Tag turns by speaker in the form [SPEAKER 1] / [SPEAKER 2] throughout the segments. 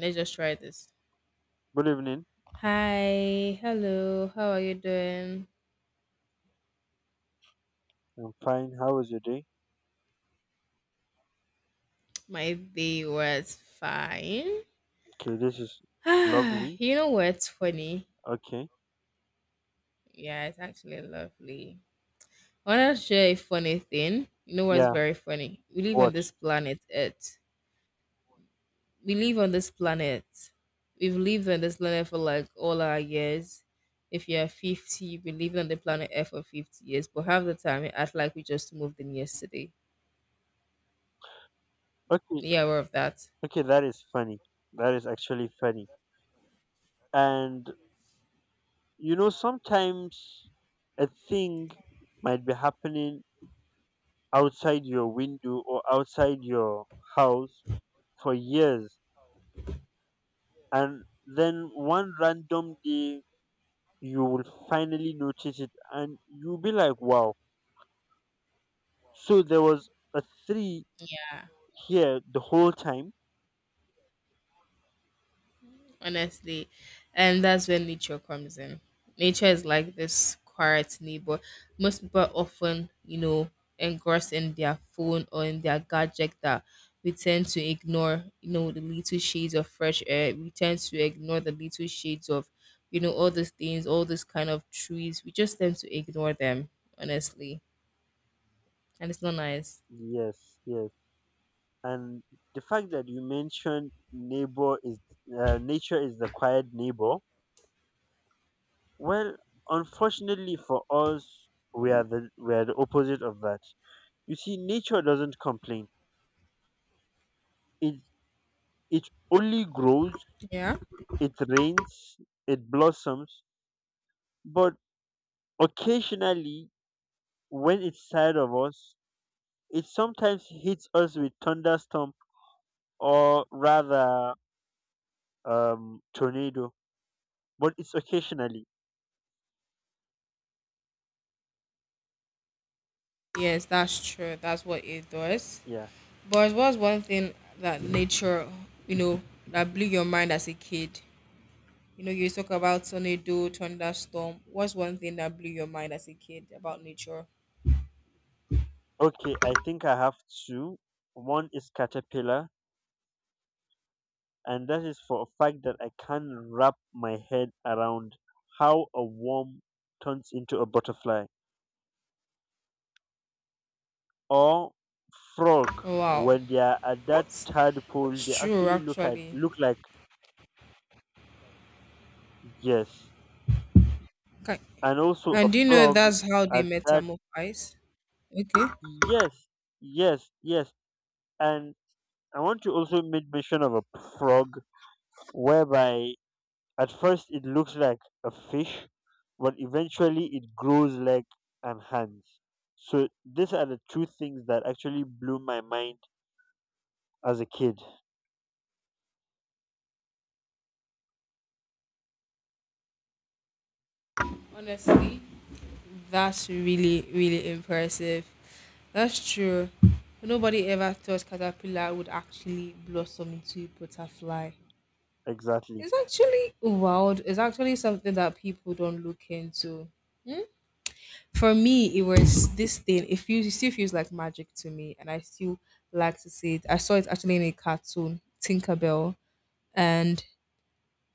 [SPEAKER 1] Let's just try this.
[SPEAKER 2] Good evening.
[SPEAKER 1] Hi, hello, how are you doing?
[SPEAKER 2] I'm fine. How was your day?
[SPEAKER 1] My day was fine.
[SPEAKER 2] Okay, this is
[SPEAKER 1] Ah,
[SPEAKER 2] lovely.
[SPEAKER 1] you know what's funny?
[SPEAKER 2] Okay.
[SPEAKER 1] Yeah, it's actually lovely. I want to share a funny thing. You know what's
[SPEAKER 2] Yeah,
[SPEAKER 1] very funny? We live on
[SPEAKER 2] what?
[SPEAKER 1] this planet Earth. We live on this planet. We've lived on this planet for like all our years. If you're 50, you've been living on the planet Earth for 50 years, but half the time, we act like we just moved in yesterday.
[SPEAKER 2] Okay,
[SPEAKER 1] Yeah, aware of that.
[SPEAKER 2] okay, that is funny. That is actually funny. And sometimes a thing might be happening outside your window or outside your house for years, and then one random day you will finally notice it, and you'll be like, wow. So there was a tree
[SPEAKER 1] Yeah.
[SPEAKER 2] here the whole time.
[SPEAKER 1] Honestly. And that's when nature comes in. Nature is like this quiet neighbor. Most people often, engrossed in their phone or in their gadget that we tend to ignore, the little shades of fresh air. We tend to ignore the little shades of, all these things, all these kind of trees. We just tend to ignore them, honestly. And it's not nice.
[SPEAKER 2] Yes, yes. And the fact that you mentioned neighbor is nature is the quiet neighbor. Well, unfortunately for us, we are the opposite of that. You see, nature doesn't complain. It it only grows.
[SPEAKER 1] Yeah.
[SPEAKER 2] It rains. It blossoms. But occasionally, when it's tired of us, it sometimes hits us with thunderstorm or rather tornado. But it's occasionally.
[SPEAKER 1] Yes, that's true. That's what it does.
[SPEAKER 2] Yeah.
[SPEAKER 1] But what's one thing that nature, you know, that blew your mind as a kid? You talk about tornado, thunderstorm. What's one thing that blew your mind as a kid about nature?
[SPEAKER 2] Okay, I think I have two. One is caterpillar, and that is for a fact that I can't wrap my head around how a worm turns into a butterfly. Or frog,
[SPEAKER 1] Oh, wow,
[SPEAKER 2] when they are at that
[SPEAKER 1] that's
[SPEAKER 2] tadpole,
[SPEAKER 1] that's
[SPEAKER 2] they
[SPEAKER 1] true
[SPEAKER 2] actually
[SPEAKER 1] actually.
[SPEAKER 2] look like. Yes.
[SPEAKER 1] Okay.
[SPEAKER 2] And also a
[SPEAKER 1] And do you know
[SPEAKER 2] frog
[SPEAKER 1] that's how they
[SPEAKER 2] at that.
[SPEAKER 1] metamorphise? Okay.
[SPEAKER 2] Yes, yes, yes. And I want to also make mention of a frog whereby at first, it looks like a fish, but eventually it grows legs and hands. So these are the two things that actually blew my mind as a kid.
[SPEAKER 1] Honestly, that's really really impressive. That's true. Nobody ever thought caterpillar would actually blossom into a butterfly.
[SPEAKER 2] Exactly.
[SPEAKER 1] It's actually wild. It's actually something that people don't look into. For me, it was this thing. It still feels like magic to me, and I still like to see it. I saw it actually in a cartoon, Tinkerbell, and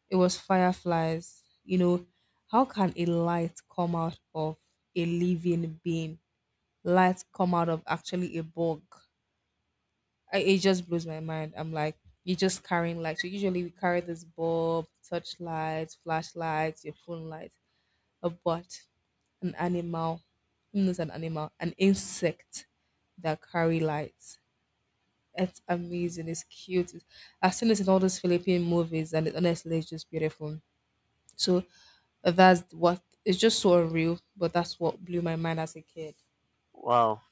[SPEAKER 1] it was fireflies. How can a light come out of a living being? Light come out of actually a bug. It just blows my mind. I'm like, you're just carrying lights. So usually we carry this bulb, touch lights, flashlights, your phone lights, a but an animal, not an animal, an insect that carry lights. It's amazing. It's cute. It's- I've seen this in all these Philippine movies, and it honestly is just beautiful. So that's what it's just so unreal. But that's what blew my mind as a kid.
[SPEAKER 2] Wow.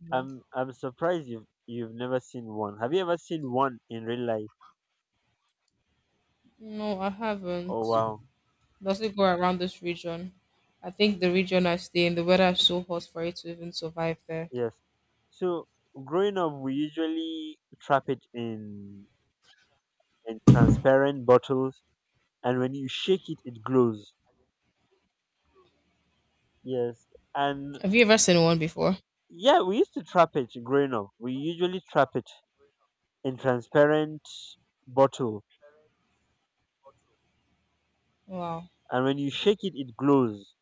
[SPEAKER 1] You know?
[SPEAKER 2] I'm surprised you've never seen one. Have you ever seen one in real life?
[SPEAKER 1] No, I haven't.
[SPEAKER 2] Oh, wow.
[SPEAKER 1] Does it go around this region? I think the region I stay in, the weather is so hot for it to even survive there.
[SPEAKER 2] Yes. So growing up, we usually trap it in transparent bottles, and when you shake it, it glows. Yes. And
[SPEAKER 1] Have you ever seen one before?
[SPEAKER 2] yeah, we used to trap it growing up. We usually trap it in transparent bottle,
[SPEAKER 1] Wow,
[SPEAKER 2] and when you shake it, it glows.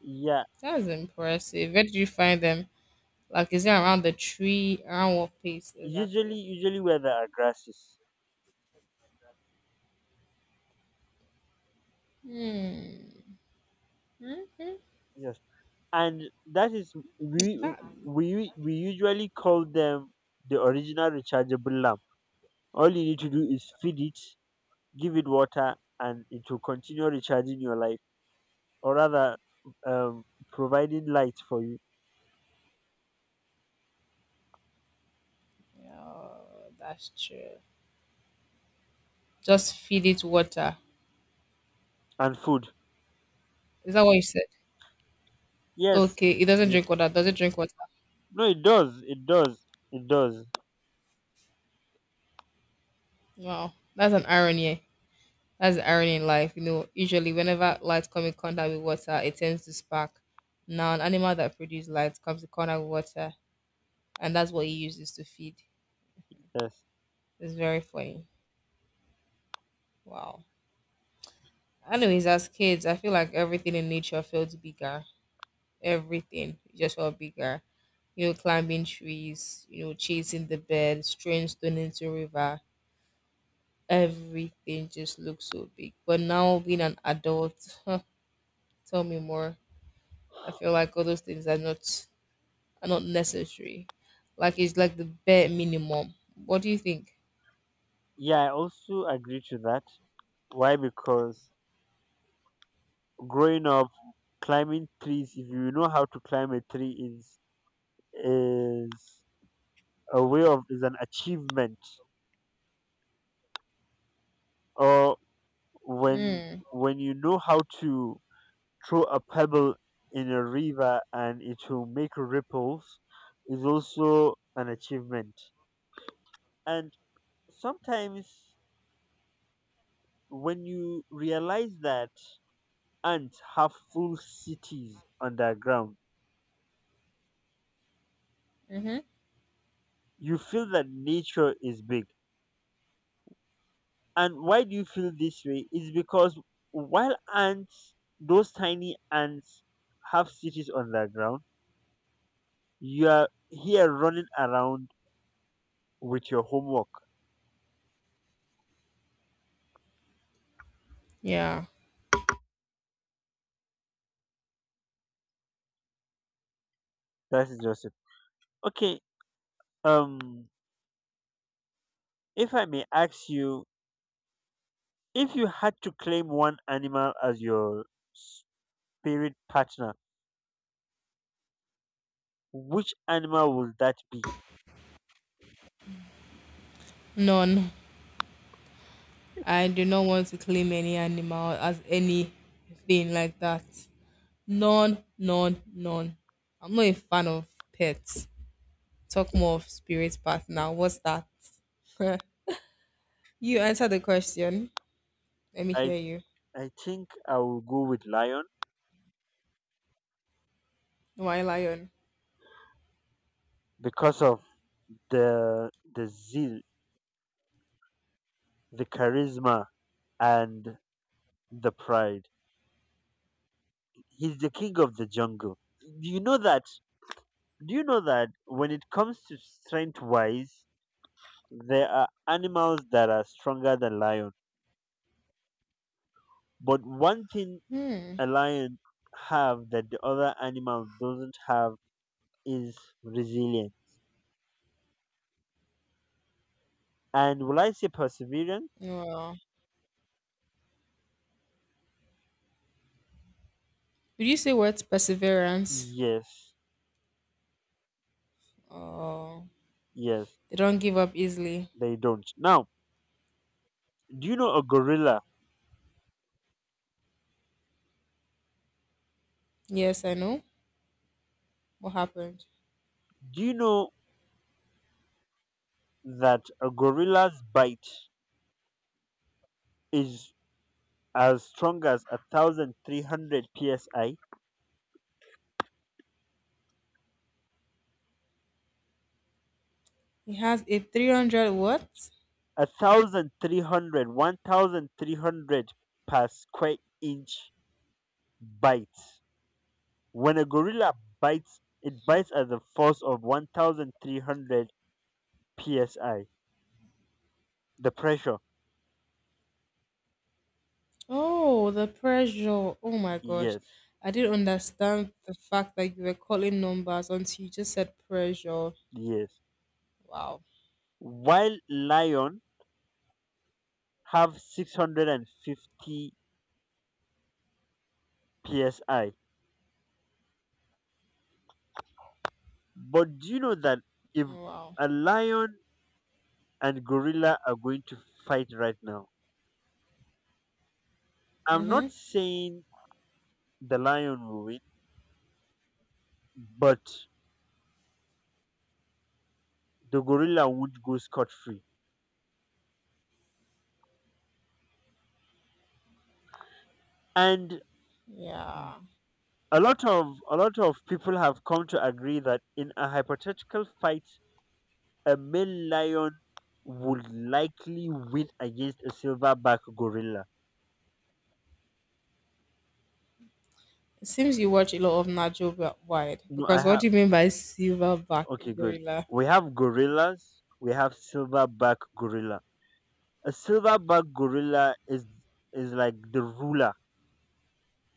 [SPEAKER 2] Yeah,
[SPEAKER 1] that's impressive. Where did you find them? Like, is it around the tree? Around what place
[SPEAKER 2] usually,
[SPEAKER 1] exactly?
[SPEAKER 2] usually where there are grasses. Yes, and that is we
[SPEAKER 1] That,
[SPEAKER 2] we usually call them the original rechargeable lamp. All you need to do is feed it, give it water, and it will continue recharging your life, or rather, um, providing light for you
[SPEAKER 1] oh, that's true. Just feed it water.
[SPEAKER 2] and food.
[SPEAKER 1] Is that what you said?
[SPEAKER 2] Yes,
[SPEAKER 1] Okay, it doesn't
[SPEAKER 2] yes.
[SPEAKER 1] drink water. Does it drink water?
[SPEAKER 2] No, it does. It does. It does.
[SPEAKER 1] Wow, that's an irony. That's the irony in life. Usually, whenever light comes in contact with water, it tends to spark. Now, an animal that produces light comes in contact with water, and that's what he uses to feed.
[SPEAKER 2] Yes.
[SPEAKER 1] It's very funny. Wow. Anyways, as kids, I feel like everything in nature felt bigger. Everything just felt bigger. Climbing trees, chasing the birds, throwing stone into river. Everything just looks so big. But now, being an adult, tell me more. I feel like all those things are not necessary. Like it's like the bare minimum. What do you think?
[SPEAKER 2] Yeah, I also agree to that. Why? Because growing up, climbing trees, if you know how to climb a tree, is a way of is an achievement. Or when
[SPEAKER 1] Mm.
[SPEAKER 2] when you know how to throw a pebble in a river and it will make ripples, is also an achievement. And sometimes when you realize that ants have full cities underground.
[SPEAKER 1] Mm-hmm.
[SPEAKER 2] You feel that nature is big. And why do you feel this way? Is because while ants, those tiny ants, have cities underground, you are here running around with your homework.
[SPEAKER 1] Yeah,
[SPEAKER 2] That is just it. Okay. Um, if I may ask you, if you had to claim one animal as your spirit partner, which animal would that be?
[SPEAKER 1] none. I do not want to claim any animal as anything like that. None, none, none. I'm not a fan of pets. Talk more of spirit partner. What's that? you answer the question. Let me
[SPEAKER 2] I
[SPEAKER 1] hear you.
[SPEAKER 2] I think I will go with lion.
[SPEAKER 1] Why lion?
[SPEAKER 2] Because of the zeal, the charisma, and the pride. He's the king of the jungle. Do you know that? Do you know that when it comes to strength wise, there are animals that are stronger than lion. But one thing
[SPEAKER 1] Hmm.
[SPEAKER 2] a lion have that the other animal doesn't have is resilience. And will I say perseverance?
[SPEAKER 1] Well, would you say words perseverance?
[SPEAKER 2] Yes,
[SPEAKER 1] Oh,
[SPEAKER 2] yes,
[SPEAKER 1] they don't give up easily.
[SPEAKER 2] they don't. Now, do you know a gorilla?
[SPEAKER 1] Yes, I know. What happened?
[SPEAKER 2] Do you know that a gorilla's bite is as strong as 1300 psi,
[SPEAKER 1] He has a 300 what?
[SPEAKER 2] 1300, 1300 per square inch bite. When a gorilla bites, it bites at the force of 1300 psi, the pressure.
[SPEAKER 1] Oh, the pressure. Oh my gosh.
[SPEAKER 2] Yes,
[SPEAKER 1] I didn't understand the fact that you were calling numbers until you just said pressure.
[SPEAKER 2] yes.
[SPEAKER 1] Wow.
[SPEAKER 2] While lion have 650 psi. But do you know that if
[SPEAKER 1] Wow.
[SPEAKER 2] a lion and gorilla are going to fight right now? I'm
[SPEAKER 1] Mm-hmm.
[SPEAKER 2] not saying the lion will win, but the gorilla won't go scot free. And
[SPEAKER 1] Yeah.
[SPEAKER 2] a lot of people have come to agree that in a hypothetical fight, a male lion would likely win against a silverback gorilla.
[SPEAKER 1] It seems you watch a lot of Nacho Wide
[SPEAKER 2] No, I
[SPEAKER 1] because what
[SPEAKER 2] have
[SPEAKER 1] do you mean by silverback
[SPEAKER 2] okay, good.
[SPEAKER 1] gorilla?
[SPEAKER 2] We have gorillas, we have silverback gorilla. A silverback gorilla is like the ruler.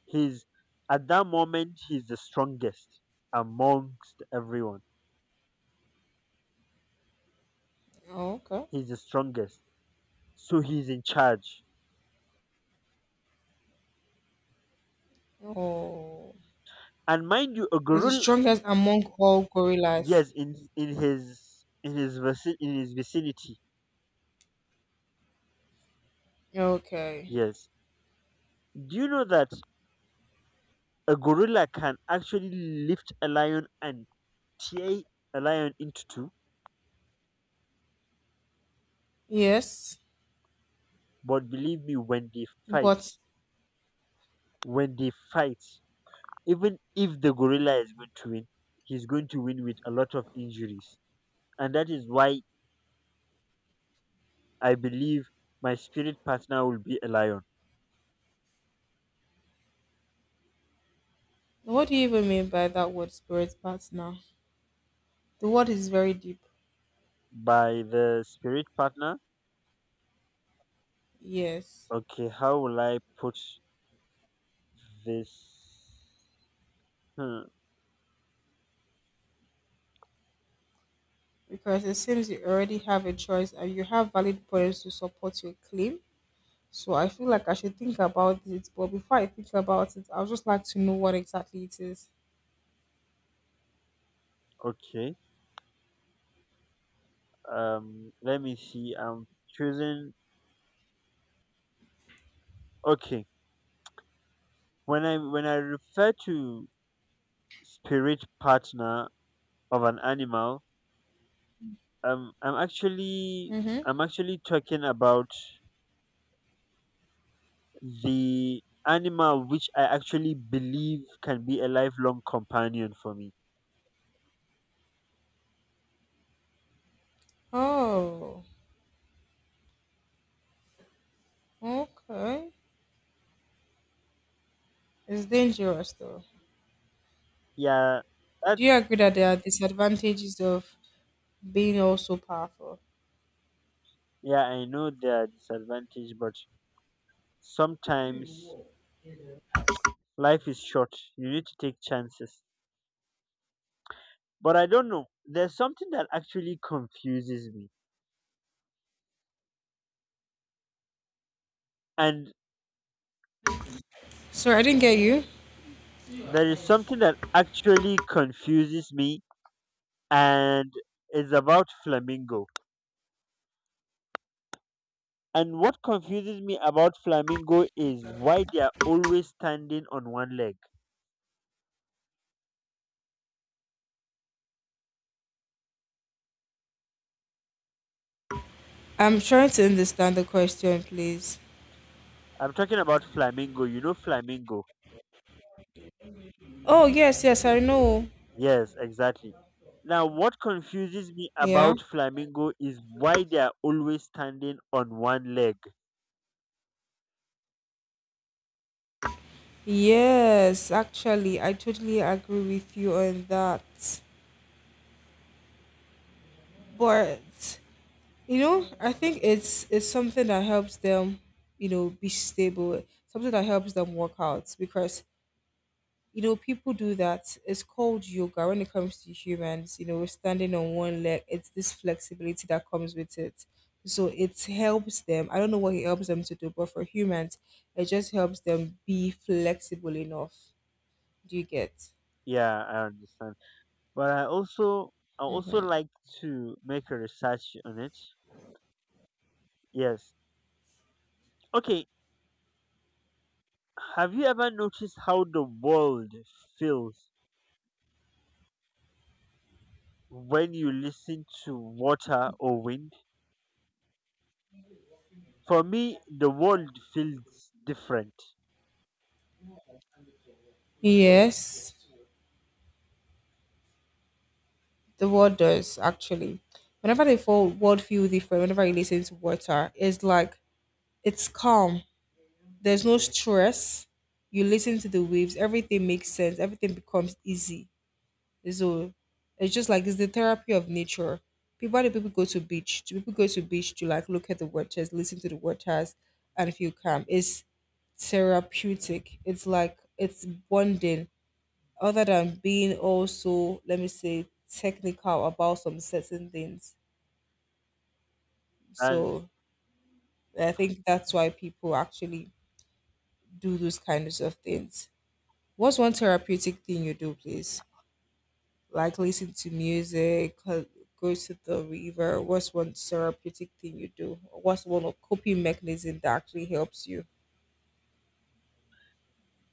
[SPEAKER 2] He's at that moment, he's the strongest amongst everyone.
[SPEAKER 1] Oh, okay.
[SPEAKER 2] He's the strongest, so he's in charge.
[SPEAKER 1] Oh,
[SPEAKER 2] And mind you, a
[SPEAKER 1] it's the
[SPEAKER 2] gorilla,
[SPEAKER 1] strongest among all gorillas.
[SPEAKER 2] yes, in his vicinity.
[SPEAKER 1] Okay.
[SPEAKER 2] Yes. Do you know that a gorilla can actually lift a lion and tear a lion into two?
[SPEAKER 1] Yes,
[SPEAKER 2] But believe me, when they fight
[SPEAKER 1] but
[SPEAKER 2] when they fight even if the gorilla is going to win, he's going to win with a lot of injuries. And that is why I believe my spirit partner will be a lion.
[SPEAKER 1] what do you even mean by that word spirit partner? The word is very deep.
[SPEAKER 2] By the spirit partner,
[SPEAKER 1] Yes.
[SPEAKER 2] okay, how will I put this? Hmm,
[SPEAKER 1] Because it seems you already have a choice and you have valid points to support your claim. So I feel like I should think about it. But before I think about it, I would just like to know what exactly it is.
[SPEAKER 2] okay, let me see. I'm choosing. Okay, when I refer to spirit partner of an animal, um, I'm actually
[SPEAKER 1] Mm-hmm.
[SPEAKER 2] I'm actually talking about the animal which I actually believe can be a lifelong companion for me.
[SPEAKER 1] Oh, okay. It's dangerous though.
[SPEAKER 2] Yeah,
[SPEAKER 1] Do you agree that there are disadvantages of being also powerful?
[SPEAKER 2] yeah, I know there are disadvantages, but sometimes life is short. You need to take chances. But I don't know. There's something that actually confuses me. And
[SPEAKER 1] Sorry, I didn't get you.
[SPEAKER 2] there is something that actually confuses me, and it's about Flamingo. And what confuses me about Flamingo is why they are always standing on one leg.
[SPEAKER 1] I'm trying to understand the question, please.
[SPEAKER 2] I'm talking about Flamingo. You know Flamingo.
[SPEAKER 1] Oh, yes, yes, I know.
[SPEAKER 2] Yes, exactly. Now, what confuses me
[SPEAKER 1] Yeah.
[SPEAKER 2] about flamingo is why they are always standing on one leg.
[SPEAKER 1] Yes, actually, I totally agree with you on that. But I think it's something that helps them, be stable. Something that helps them work out because people do that. It's called yoga when it comes to humans. We're standing on one leg. It's this flexibility that comes with it. So it helps them. I don't know what it helps them to do, but for humans, it just helps them be flexible enough. Do you get?
[SPEAKER 2] Yeah, I understand. But I also like to make a research on it. Yes. Okay. Have you ever noticed how the world feels when you listen to water or wind? For me, the world feels different.
[SPEAKER 1] Yes, the world does actually. Whenever the whole world feel different, whenever you listen to water, it's like it's calm. There's no stress. You listen to the waves, everything makes sense, everything becomes easy. So it's just like it's the therapy of nature. People Why do people go to beach? Do people go to beach to like look at the waters, listen to the waters and feel calm? It's therapeutic. It's like it's bonding. Other than being also, let me say, technical about some certain things.
[SPEAKER 2] And
[SPEAKER 1] So I think that's why people actually do those kinds of things. What's one therapeutic thing you do, please? Like, listen to music, go to the river. What's one therapeutic thing you do? What's one of coping mechanism that actually helps you?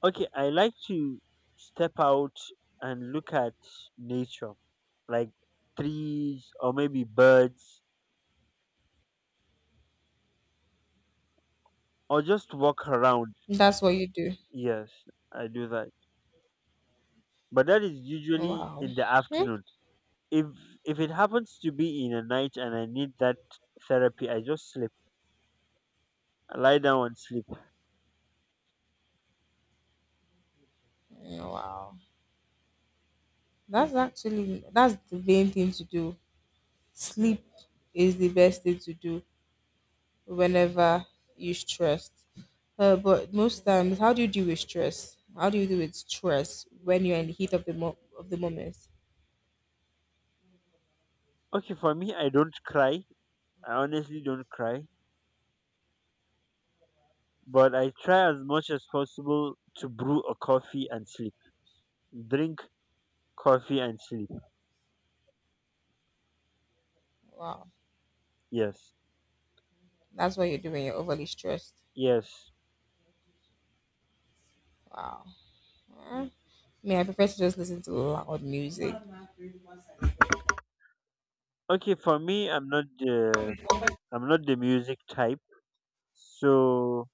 [SPEAKER 2] Okay, I like to step out and look at nature, like trees or maybe birds, or just walk around.
[SPEAKER 1] That's what you do.
[SPEAKER 2] Yes, I do that. But that is usually
[SPEAKER 1] Wow.
[SPEAKER 2] in the
[SPEAKER 1] Hmm?
[SPEAKER 2] afternoon. If if it happens to be in a night and I need that therapy, I just sleep. I lie down and sleep.
[SPEAKER 1] Wow, that's the main thing to do. Sleep is the best thing to do whenever you're stressed. But most times, how do you deal with stress? How do you deal with stress when you're in the heat of the moment?
[SPEAKER 2] Okay, for me I don't cry. I honestly don't cry. But I try as much as possible to brew a coffee and sleep. Drink coffee and sleep.
[SPEAKER 1] Wow,
[SPEAKER 2] Yes.
[SPEAKER 1] that's what you do when you're overly stressed.
[SPEAKER 2] Yes.
[SPEAKER 1] Wow. Huh? I mean, I prefer to just listen to loud music.
[SPEAKER 2] Okay, for me, I'm not the music type, so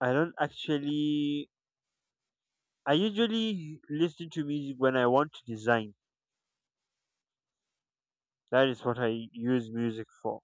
[SPEAKER 2] I don't actually. I usually listen to music when I want to design. That is what I use music for.